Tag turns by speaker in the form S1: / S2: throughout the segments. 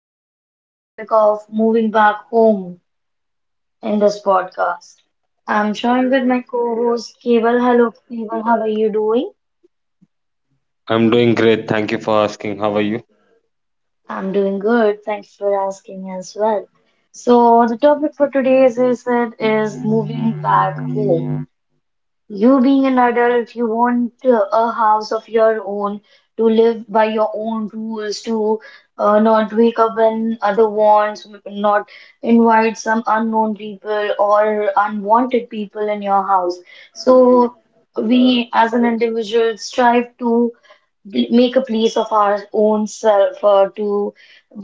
S1: bringing you the topic of moving back home in this podcast. I'm joined with my co-host Keval. Hello Keval, how are you doing?
S2: I'm doing great. Thank you for asking. How are you?
S1: I'm doing good, thanks for asking as well. So the topic for today's is it is moving back home. You being an adult, you want a house of your own, to live by your own rules, to not wake up when other wants, not invite some unknown people or unwanted people in your house. So we as an individual strive to make a place of our own self or to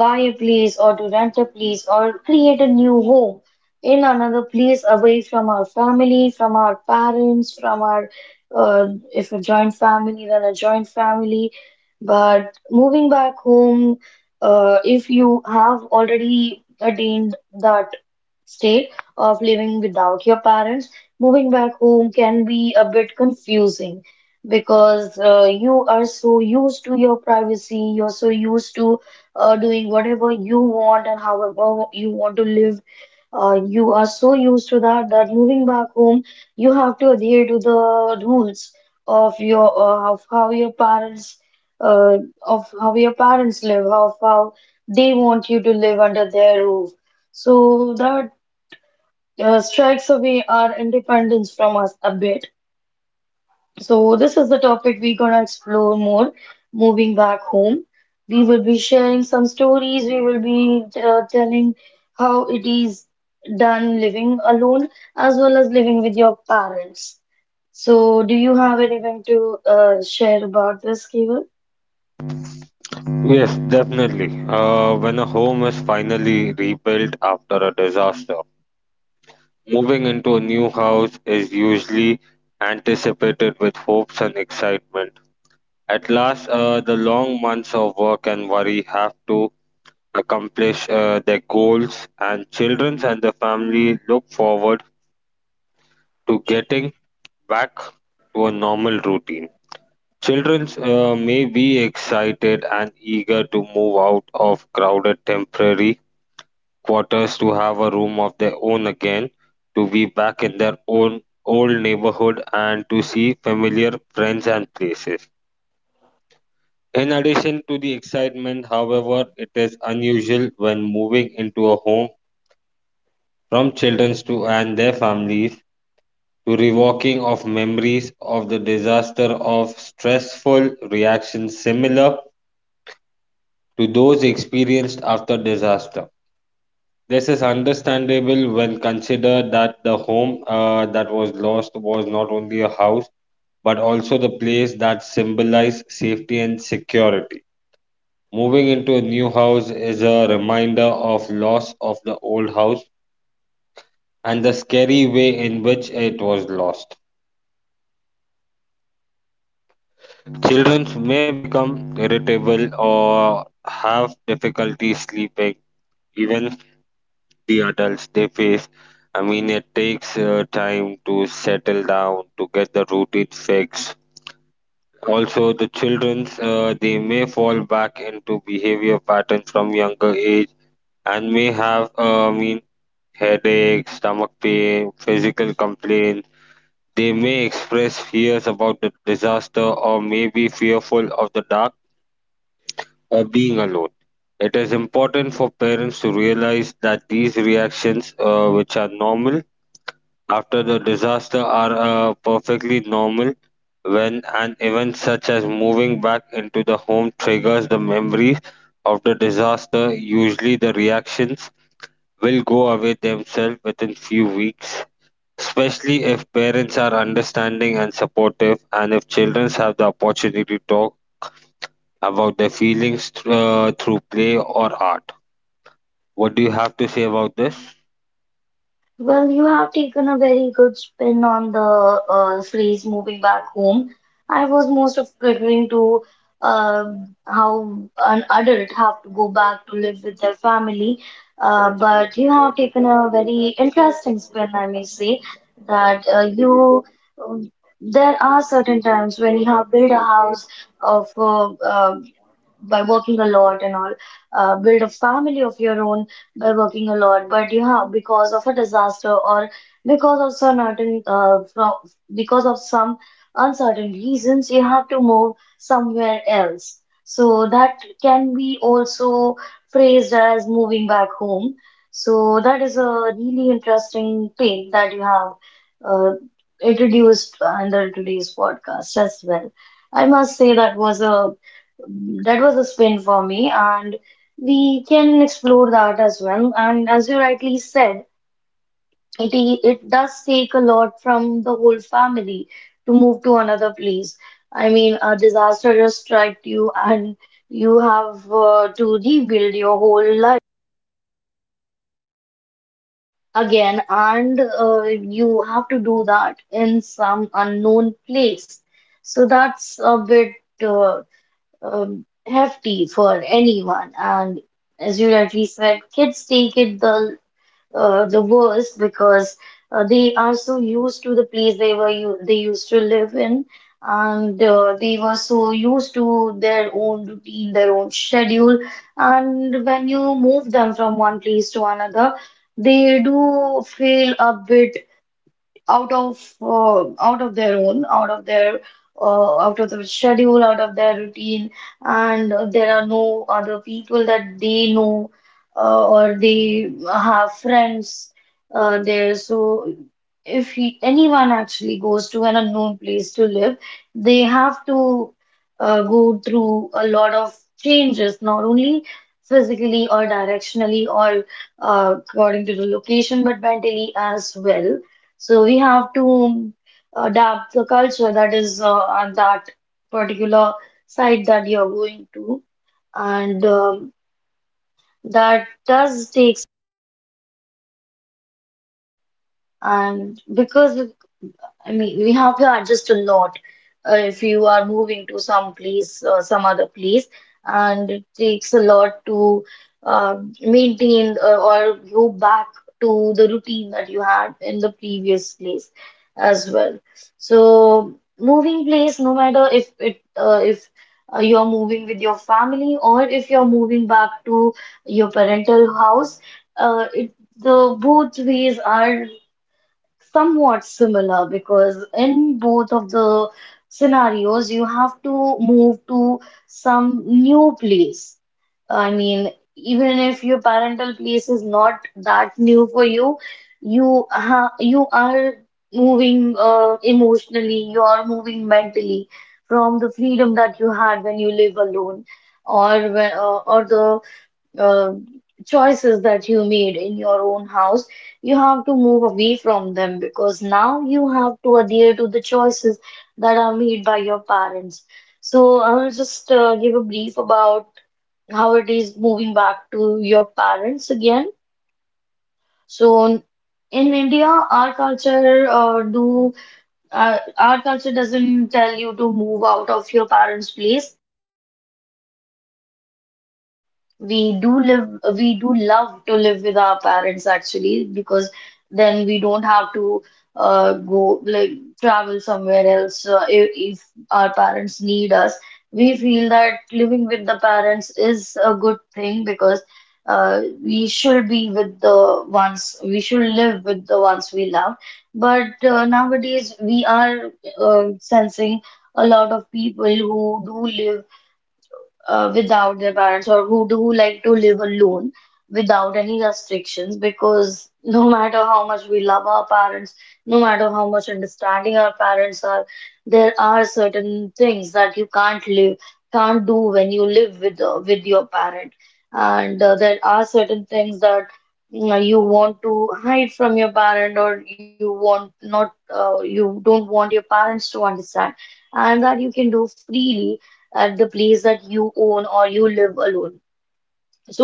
S1: buy a place or to rent a place or create a new home in another place away from our family, from our parents, from our uh, if a joint family, then a joint family. But moving back home, if you have already attained that state of living without your parents, moving back home can be a bit confusing because you are so used to your privacy, you're so used to doing whatever you want and however you want to live. You are so used to that that moving back home, you have to adhere to the rules of your of how your parents, of how your parents live, of how they want you to live under their roof. So that strikes away our independence from us a bit. So this is the topic we're gonna explore more moving back home. We will be sharing some stories. We will be telling how it is done living alone as well as living with your parents. So do you have anything to share about this, Keval?
S2: Yes, definitely. When a home is finally rebuilt after a disaster, moving into a new house is usually anticipated with hopes and excitement. At last, the long months of work and worry have to accomplish their goals, and children and the family look forward to getting back to a normal routine. Children may be excited and eager to move out of crowded temporary quarters to have a room of their own again, to be back in their own old neighborhood, and to see familiar friends and places. In addition to the excitement, however, it is unusual when moving into a home from children to and their families to revoking of memories of the disaster of stressful reactions similar to those experienced after disaster. This is understandable when considered that the home that was lost was not only a house but also the place that symbolized safety and security. Moving into a new house is a reminder of loss of the old house and the scary way in which it was lost. Children may become irritable or have difficulty sleeping even the adults they face. I mean, it takes time to settle down, to get the routine fixed. Also, the children's they may fall back into behavior patterns from younger age and may have, headaches, stomach pain, physical complaints. They may express fears about the disaster or may be fearful of the dark or being alone. It is important for parents to realize that these reactions, which are normal, after the disaster are perfectly normal when an event such as moving back into the home triggers the memories of the disaster. Usually, the reactions will go away themselves within few weeks, especially if parents are understanding and supportive, and if children have the opportunity to talk about their feelings through play or art. What do you have to say about this?
S1: Well, you have taken a very good spin on the series Moving Back Home. I was most of referring to uh, how an adult have to go back to live with their family. But you have taken a very interesting spin, I may say, that you um, there are certain times when you have built a house of by working a lot and all, build a family of your own by working a lot. But yeah, because of a disaster or because of certain from because of some uncertain reasons, you have to move somewhere else. So that can be also phrased as moving back home. So that is a really interesting thing that you have uh, introduced under today's podcast as well. I must say that was a spin for me, and we can explore that as well. And as you rightly said, it it does take a lot from the whole family to move to another place. I mean, a disaster just struck you, and you have to rebuild your whole life again, and you have to do that in some unknown place. So that's a bit uh, hefty for anyone. And as you rightly said, kids take it the worst because they are so used to the place they were u they used to live in, and they were so used to their own routine, their own schedule. And when you move them from one place to another, they do feel a bit out of their out of the schedule out of their routine and there are no other people that they know or they have friends there so if he, anyone actually goes to an unknown place to live they have to go through a lot of changes not only physically or directionally or according to the location but mentally as well. So we have to adapt the culture that is on that particular site that you're going to, and that does take. And because I mean, we have to adjust a lot if you are moving to some place or some other place, and it takes a lot to maintain or go back to the routine that you had in the previous place as well. So, moving place, no matter if it if you're moving with your family or if you're moving back to your parental house, it the both ways are somewhat similar because in both of the scenarios you have to move to some new place. I mean, even if your parental place is not that new for you, you ha you are moving emotionally, you are moving mentally from the freedom that you had when you live alone or or the uh, choices that you made in your own house, you have to move away from them because now you have to adhere to the choices that are made by your parents. So I will just give a brief about how it is moving back to your parents again. So in India, our culture do our culture doesn't tell you to move out of your parents' place. We do live, we do love to live with our parents actually, because then we don't have to go like travel somewhere else. If our parents need us, we feel that living with the parents is a good thing because we should be with the ones, we should live with the ones we love. But nowadays, we are sensing a lot of people who do live without their parents or who do like to live alone without any restrictions because no matter how much we love our parents, no matter how much understanding our parents are, there are certain things that you can't do when you live with your parent, and there are certain things that you know, you want to hide from your parent or you want not you don't want your parents to understand and that you can do freely at the place that you own or you live alone.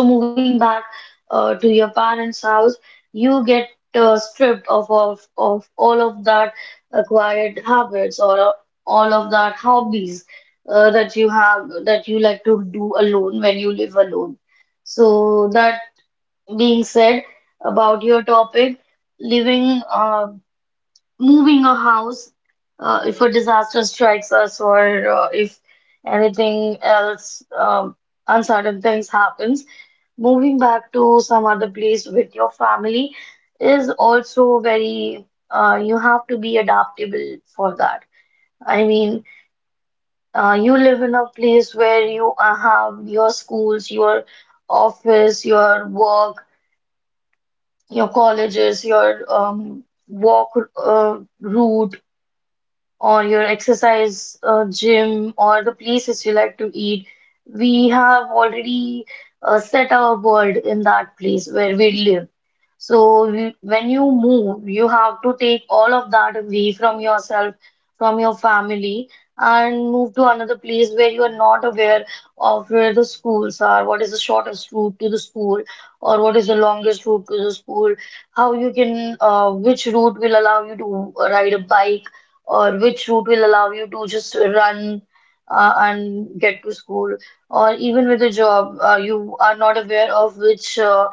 S1: So moving back to your parents' house, you get stripped of all of that acquired habits or all of that hobbies that you have that you like to do alone when you live alone. So that being said about your topic, living moving a house if a disaster strikes us or if anything else uncertain things happens moving back to some other place with your family is also very you have to be adaptable for that. I mean, you live in a place where you have your schools, your office, your work, your colleges, your walk route or your exercise gym or the places you like to eat. We have already set our world in that place where we live. So when you move, you have to take all of that away from yourself, from your family, and move to another place where you are not aware of where the schools are, what is the shortest route to the school, or what is the longest route to the school, how you can, which route will allow you to ride a bike or which route will allow you to just run and get to school, or even with a job, you are not aware of which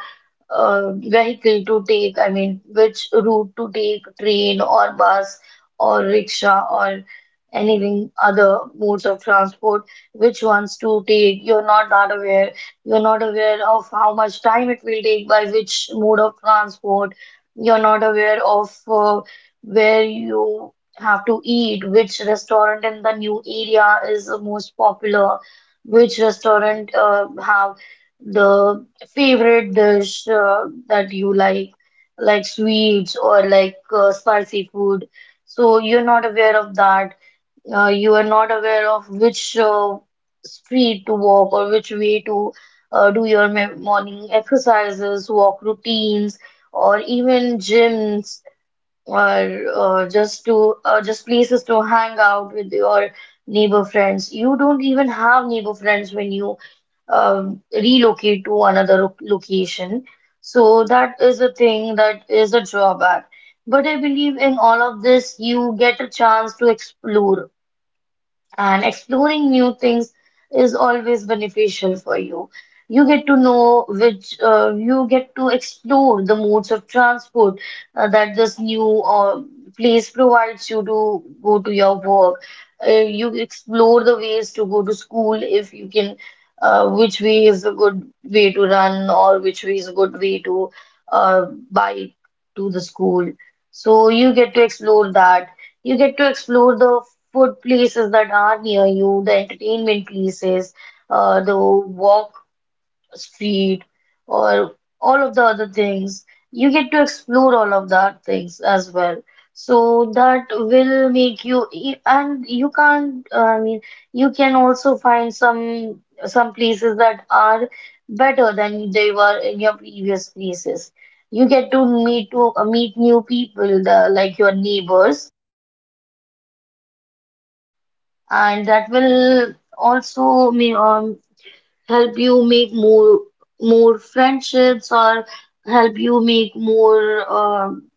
S1: vehicle to take, I mean, which route to take, train or bus or rickshaw or anything other modes of transport, which ones to take. You're not that aware. You're not aware of how much time it will take by which mode of transport. You're not aware of where you have to eat, which restaurant in the new area is the most popular, which restaurant have the favorite dish that you like sweets or like spicy food. So you're not aware of that. You are not aware of which street to walk or which way to do your morning exercises, walk routines, or even gyms or just to just places to hang out with your neighbor friends. You don't even have neighbor friends when you relocate to another location. So that is a thing that is a drawback. But I believe in all of this, you get a chance to explore and exploring new things is always beneficial for you. You get to know which you get to explore the modes of transport that this new place provides you to go to your work. Uh, you explore the ways to go to school if you can, which way is a good way to run or which way is a good way to uh, bike to the school. So you get to explore that. You get to explore the food places that are near you, the entertainment places, the walk street, or all of the other things. You get to explore all of that things as well. So that will make you. And you can't, I mean, you can also find some places that are better than they were in your previous places. You get to meet new people, like your neighbors, and that will also may, help you make more friendships or help you make more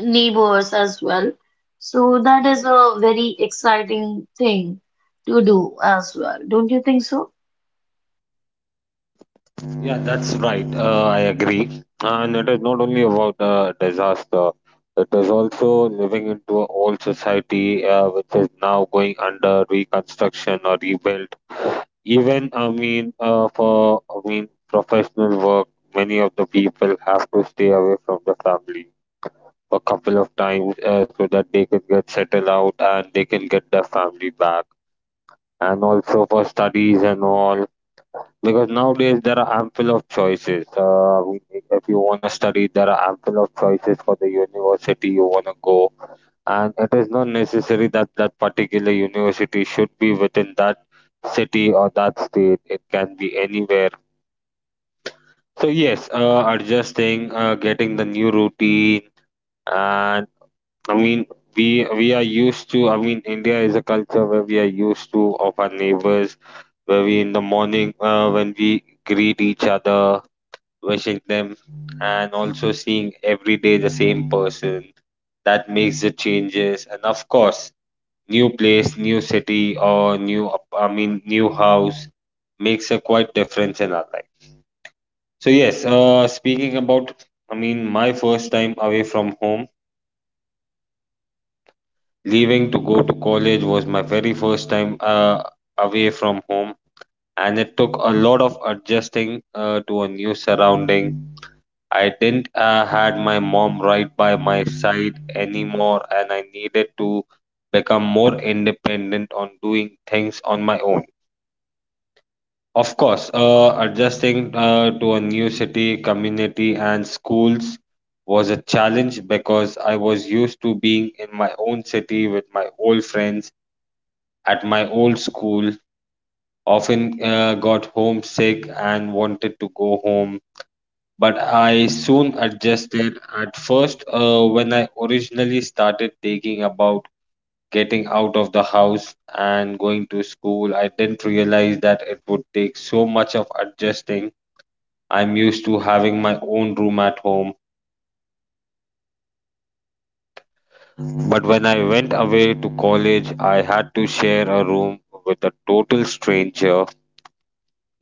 S1: neighbors as well. So that is a very exciting thing to do as well. Don't you think so?
S2: Yeah, that's right. I agree. And it is not only about disaster, it is also living into an old society which is now going under reconstruction or rebuilt. Even, I mean, for professional work, many of the people have to stay away from the family a couple of times so that they can get settled out and they can get their family back. And also for studies and all, because nowadays there are ample of choices. If you want to study, there are ample of choices for the university you want to go, and it is not necessary that that particular university should be within that city or that state. It can be anywhere. So yes, adjusting, getting the new routine, and I mean we we are used to. I mean India is a culture where we are used to of our neighbors, where we in the morning when we greet each other wishing them and also seeing every day the same person that makes the changes, and of course new place, new city, or new ap- I mean new house makes a quite difference in our life. So yes, speaking about I mean my first time away from home, leaving to go to college was my very first time away from home, and it took a lot of adjusting to a new surrounding. I didn't had my mom right by my side anymore, and I needed to become more independent on doing things on my own. Of course, adjusting to a new city, community, and schools was a challenge because I was used to being in my own city with my old friends at my old school. Often got homesick and wanted to go home, but I soon adjusted. At first, when I originally started thinking about getting out of the house and going to school, I didn't realize that it would take so much of adjusting. I'm used to having my own room at home, but when I went away to college, I had to share a room with a total stranger.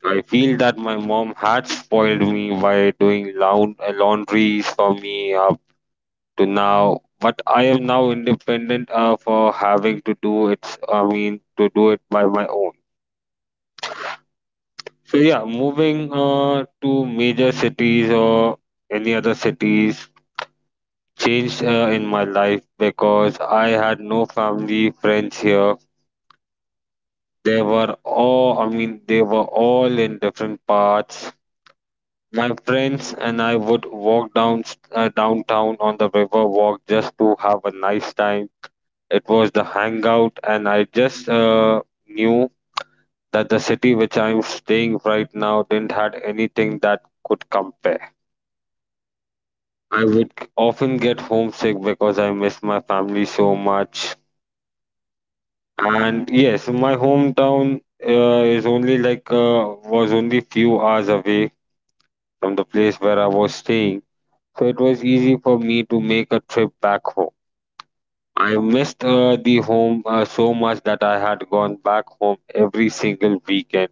S2: I feel that my mom had spoiled me by doing laundries for me, to now what I am now independent of having to do it by my own. So yeah, moving to major cities or any other cities changed in my life because I had no family friends here. They were all I mean they were all in different parts. My friends and I would walk down downtown on the river walk just to have a nice time. It was the hangout, and I just knew that the city which I'm staying right now didn't had anything that could compare. I would often get homesick because I miss my family so much. And yes, my hometown is only like was only few hours away from the place where I was staying, so it was easy for me to make a trip back home. I missed the home so much that I had gone back home every single weekend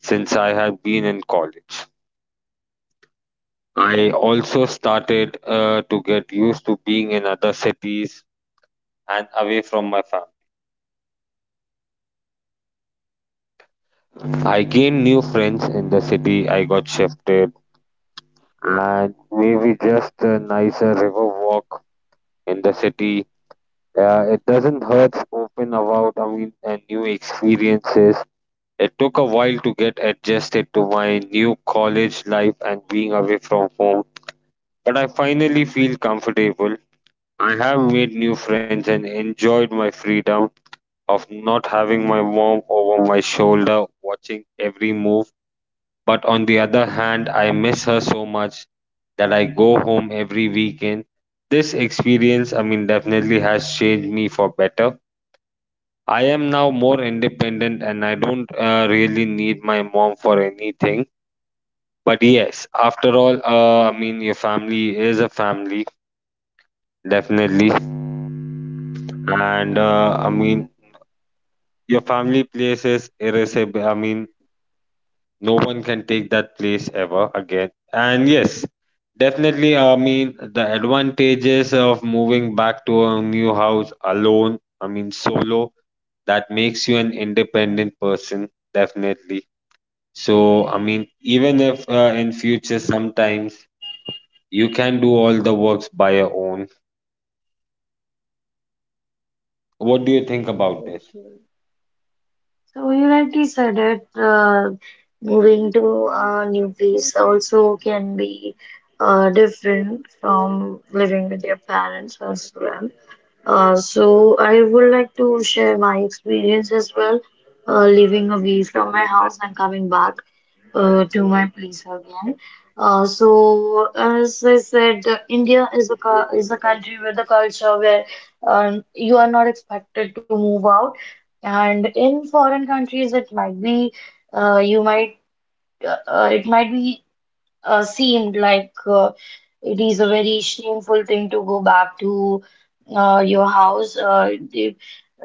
S2: since I have been in college. I also started to get used to being in other cities and away from my family. I gained new friends in the city I got shifted, and maybe just a nicer river walk in the city. It doesn't hurt to open about I mean new experiences. It took a while to get adjusted to my new college life and being away from home, but I finally feel comfortable. I have made new friends and enjoyed my freedom of not having my mom over my shoulder watching every move. But on the other hand, I miss her so much that I go home every weekend. This experience, I mean, definitely has changed me for better. I am now more independent, and I don't really need my mom for anything. But yes, after all, I mean, your family is a family, definitely. And I mean, your family place is irreplaceable. I mean, no one can take that place ever again. And yes, definitely, I mean, the advantages of moving back to a new house alone, I mean, solo, that makes you an independent person, definitely. So, I mean, even if in future sometimes you can do all the works by your own. What do you think about this?
S1: Okay. So you rightly said it. Moving to a new place also can be different from living with your parents as well. So I would like to share my experience as well, living away from my house and coming back to my place again. So as I said, India is a country with a culture where you are not expected to move out, and in foreign countries it might be, you might, it might be, seemed like, it is a very shameful thing to go back to your house.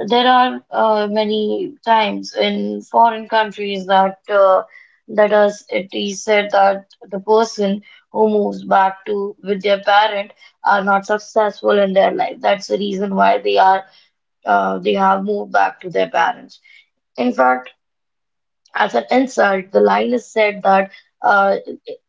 S1: There are, many times in foreign countries, that that is it is said that the person who moves back to with their parent are not successful in their life. That's the reason why they have moved back to their parents. In fact, as an insult, the line is said that. Uh,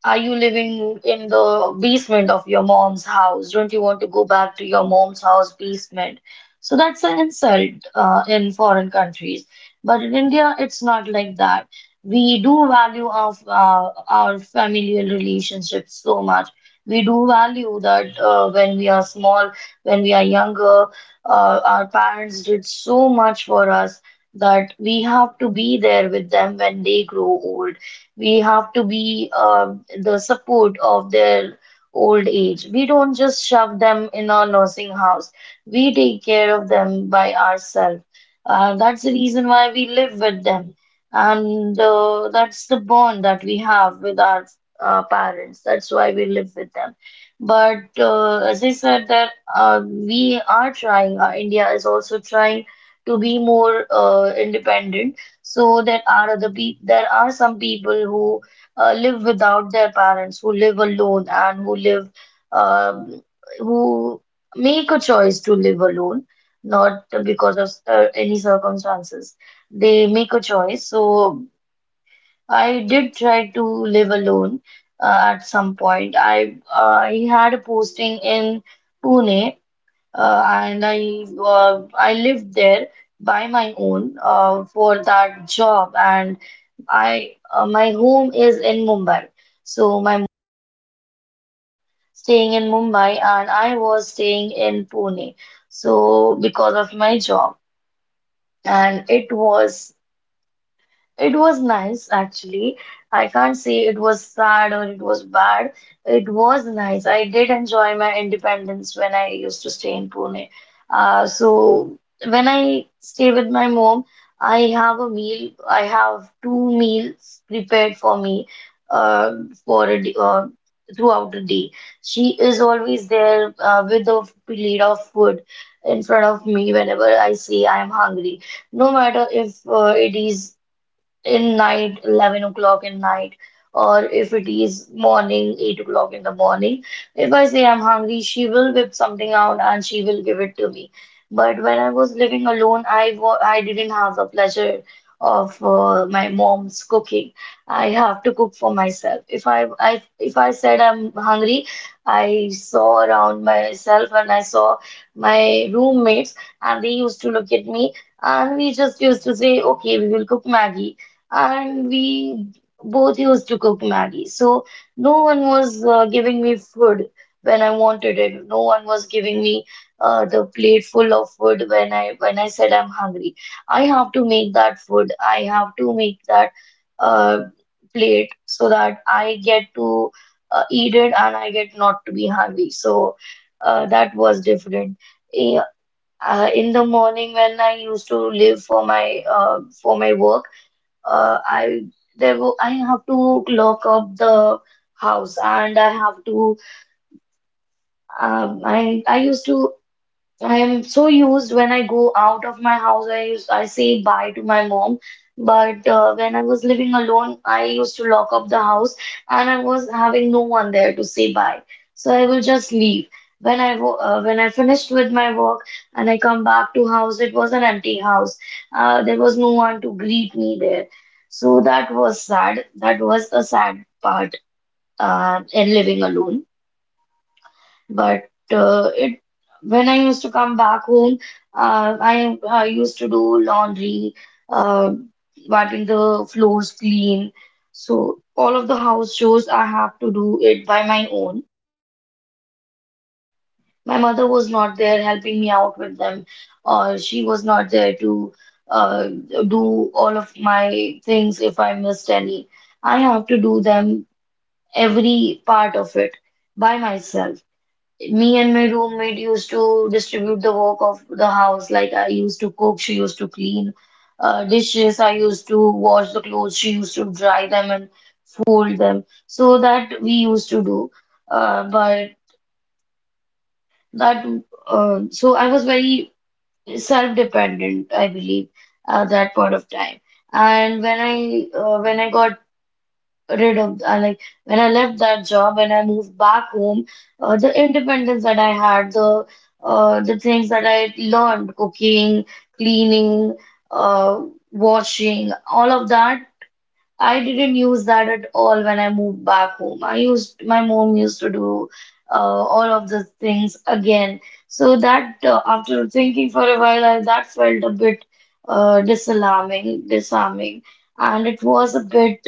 S1: are you living in the basement of your mom's house? Don't you want to go back to your mom's house basement? So that's an insult in foreign countries. But in India, it's not like that. We do value our familial relationships so much. We do value that when we are small, when we are younger, our parents did so much for us that we have to be there with them when they grow old. We have to be the support of their old age. We don't just shove them in a nursing house. We take care of them by ourselves. That's the reason why we live with them. And That's the bond that we have with our parents. That's why we live with them. But as I said, that we are trying, India is also trying to be more independent. So there are other pe. There are some people who live without their parents, who live alone, and who live, um, who make a choice to live alone, not because of any circumstances. They make a choice. So I did try to live alone at some point. I had a posting in Pune, and I lived there by my own for that job. And I, my home is in Mumbai. So my staying in Mumbai and I was staying in Pune. So because of my job. And it was, it was nice actually. I can't say it was sad or it was bad. It was nice. I did enjoy my independence when I used to stay in Pune. So when I stay with my mom, I have a meal. I have two meals prepared for me, uh, for a day, throughout the day. She is always there with a plate of food in front of me whenever I say I'm hungry. No matter if it is in night, 11 o'clock in night, or if it is morning, 8 o'clock in the morning. If I say I'm hungry, she will whip something out and she will give it to me. But when I was living alone, I didn't have the pleasure of my mom's cooking. I have to cook for myself. If I said I'm hungry, I saw around myself and I saw my roommates and they used to look at me, and we just used to say, okay, we will cook Maggie, and we both used to cook Maggie. So no one was giving me food when I wanted it. No one was giving me the plate full of food when I said I'm hungry. I have to make that food. I have to make that uh, plate so that I get to eat it and I get not to be hungry. So that was different. Eh, in the morning when I used to live for my work, uh, I I have to lock up the house, and I have to, I used to, I am so used when I go out of my house, I say bye to my mom. But when I was living alone, I used to lock up the house and I was having no one there to say bye. So I will just leave. When I finished with my work and I come back to house, it was an empty house. There was no one to greet me there. So that was sad. That was a sad part in living alone. But it when I used to come back home, I used to do laundry, uh, wiping the floors clean. So all of the house chores I have to do it by my own. My mother was not there helping me out with them, or she was not there to uh, do all of my things if I missed any. I have to do them, every part of it, by myself. Me and my roommate used to distribute the work of the house. Like I used to cook, she used to clean dishes. I used to wash the clothes. She used to dry them and fold them. So that we used to do. But that so I was very self-dependent, I believe, at that point of time. And when I got rid of I like when I left that job and I moved back home, the independence that I had, the things that I learned, cooking, cleaning, uh, washing, all of that, I didn't use that at all when I moved back home. I used my mom used to do all of those things again. So that, after thinking for a while, I, that felt a bit disarming, and it was a bit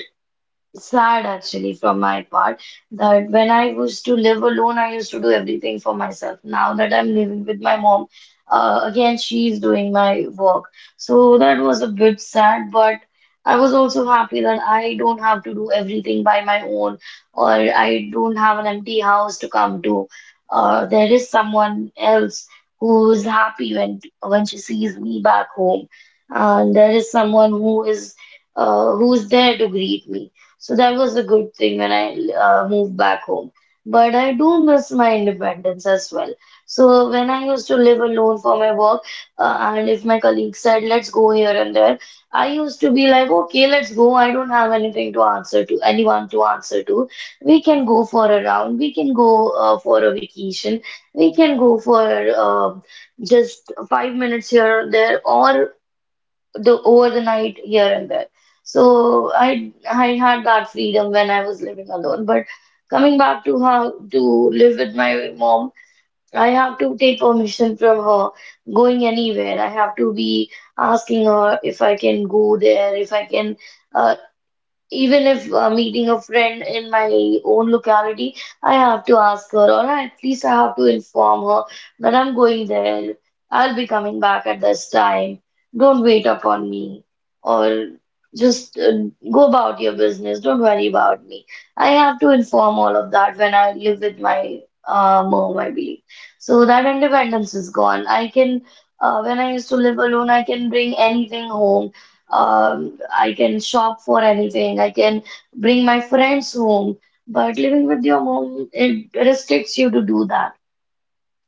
S1: sad actually from my part, that when I used to live alone, I used to do everything for myself. Now that I'm living with my mom, again, she's doing my work. So that was a bit sad, but I was also happy that I don't have to do everything by my own, or I don't have an empty house to come to. There is someone else who is happy when she sees me back home, and there is someone who is, who's there to greet me. So that was a good thing when I moved back home. But I do miss my independence as well. So when I used to live alone for my work, and if my colleague said, let's go here and there, I used to be like, okay, let's go. I don't have anything to answer to, anyone to answer to. We can go for a round. We can go, for a vacation. We can go for, just 5 minutes here or there, or the over the night here and there. So I had that freedom when I was living alone. But coming back to how to live with my mom, I have to take permission from her going anywhere. I have to be asking her if I can go there, if I can, uh, even if meeting a friend in my own locality, I have to ask her, or at least I have to inform her that I'm going there. I'll be coming back at this time. Don't wait upon me, or just, go about your business. Don't worry about me. I have to inform all of that when I live with my mom, I believe. So that independence is gone. I can, when I used to live alone, I can bring anything home. I can shop for anything. I can bring my friends home. But living with your mom, it restricts you to do that.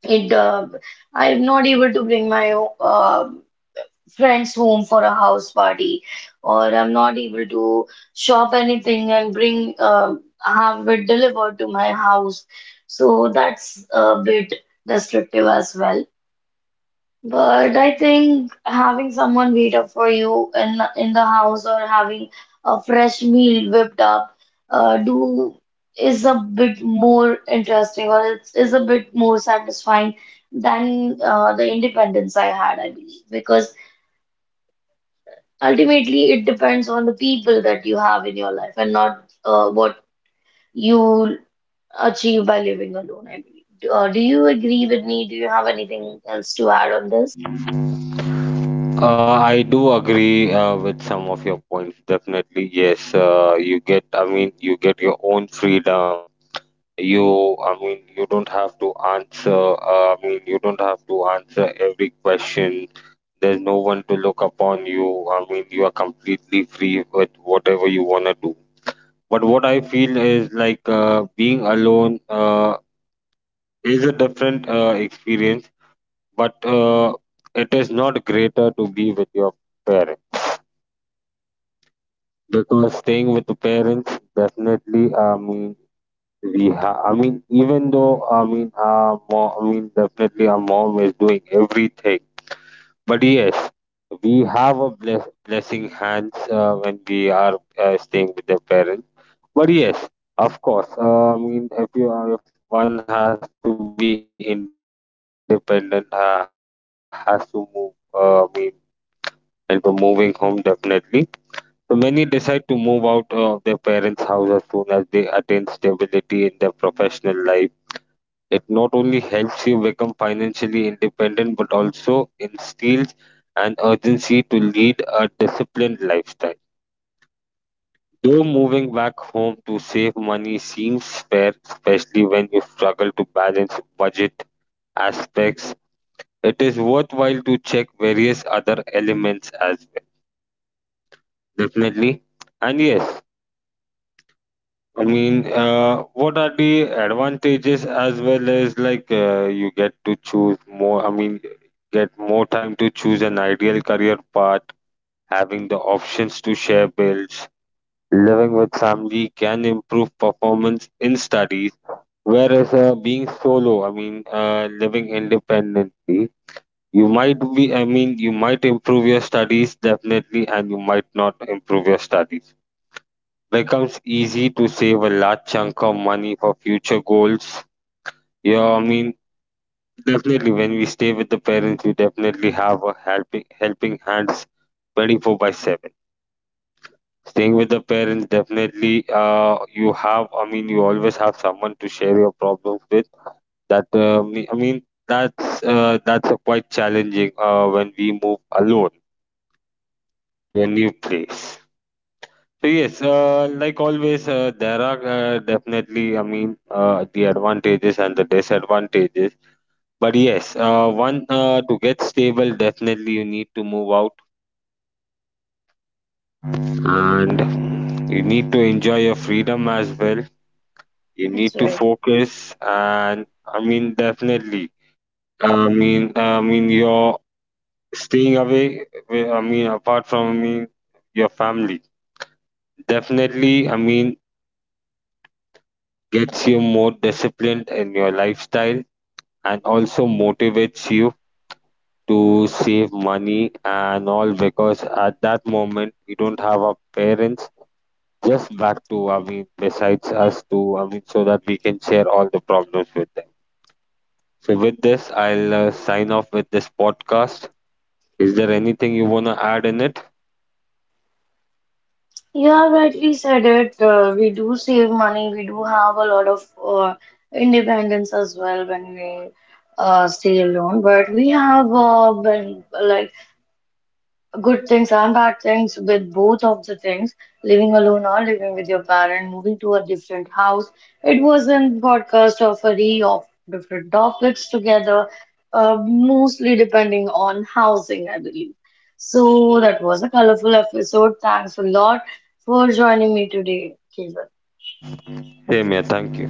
S1: It I'm not able to bring my uh, friends home for a house party, or I'm not able to shop anything and bring, have it delivered to my house. So that's a bit restrictive as well. But I think having someone wait up for you in the house, or having a fresh meal whipped up, do is a bit more interesting, or it's is a bit more satisfying than the independence I had, I believe, because ultimately it depends on the people that you have in your life and not what you achieve by living alone, I believe. Do you agree with me? Do you have anything else to add on this?
S2: I do agree with some of your points. Definitely, yes. You get, I mean, you get your own freedom. You, I mean, you don't have to answer. I mean, you don't have to answer every question. There's no one to look upon you. I mean, you are completely free with whatever you wanna do. But what I feel is like being alone is a different experience, but it is not greater to be with your parents, because staying with the parents definitely I mean we have. I mean even though I mean our mom I mean definitely our mom is doing everything, but yes we have a blessing hands when we are staying with their parents. But yes, of course, I mean if if one has to be independent, has to move, I mean, and for moving home definitely. So many decide to move out of their parents' house as soon as they attain stability in their professional life. It not only helps you become financially independent but also instills an urgency to lead a disciplined lifestyle. Though moving back home to save money seems fair, especially when you struggle to balance budget aspects, it is worthwhile to check various other elements as well. Definitely. And yes, I mean, what are the advantages, as well as like you get to choose more? I mean, get more time to choose an ideal career path, having the options to share bills, living with family can improve performance in studies. Whereas being solo, I mean, living independently, you might be, I mean, you might improve your studies definitely, and you might not improve your studies becomes easy to save a large chunk of money for future goals. Yeah, I mean, definitely when we stay with the parents, we definitely have a helping hands 24 by 7. Staying with the parents, definitely, you have, I mean, you always have someone to share your problems with. That, I mean, that's a quite challenging when we move alone to a new place. So yes, like always, there are definitely, I mean, the advantages and the disadvantages. But yes, one to get stable, definitely you need to move out and you need to enjoy your freedom as well. You
S1: That's
S2: need to
S1: right.
S2: focus, and I mean, definitely, I mean, you're staying away. I mean, apart from I mean, your family, definitely, I mean, gets you more disciplined in your lifestyle and also motivates you to save money and all, because at that moment we don't have our parents just back to I mean besides us to I mean so that we can share all the problems with them. So with this, I'll sign off with this podcast. Is there anything you wanna add in it?
S1: Yeah, rightly said it. We do save money. We do have a lot of independence as well when we stay alone. But we have been like good things and bad things with both of the things, living alone or living with your parent, moving to a different house. It was a podcast of a re of different topics together, mostly depending on housing, I believe. So that was a colorful episode. Thanks a lot for joining me today, Keval.
S2: Same here. Thank you.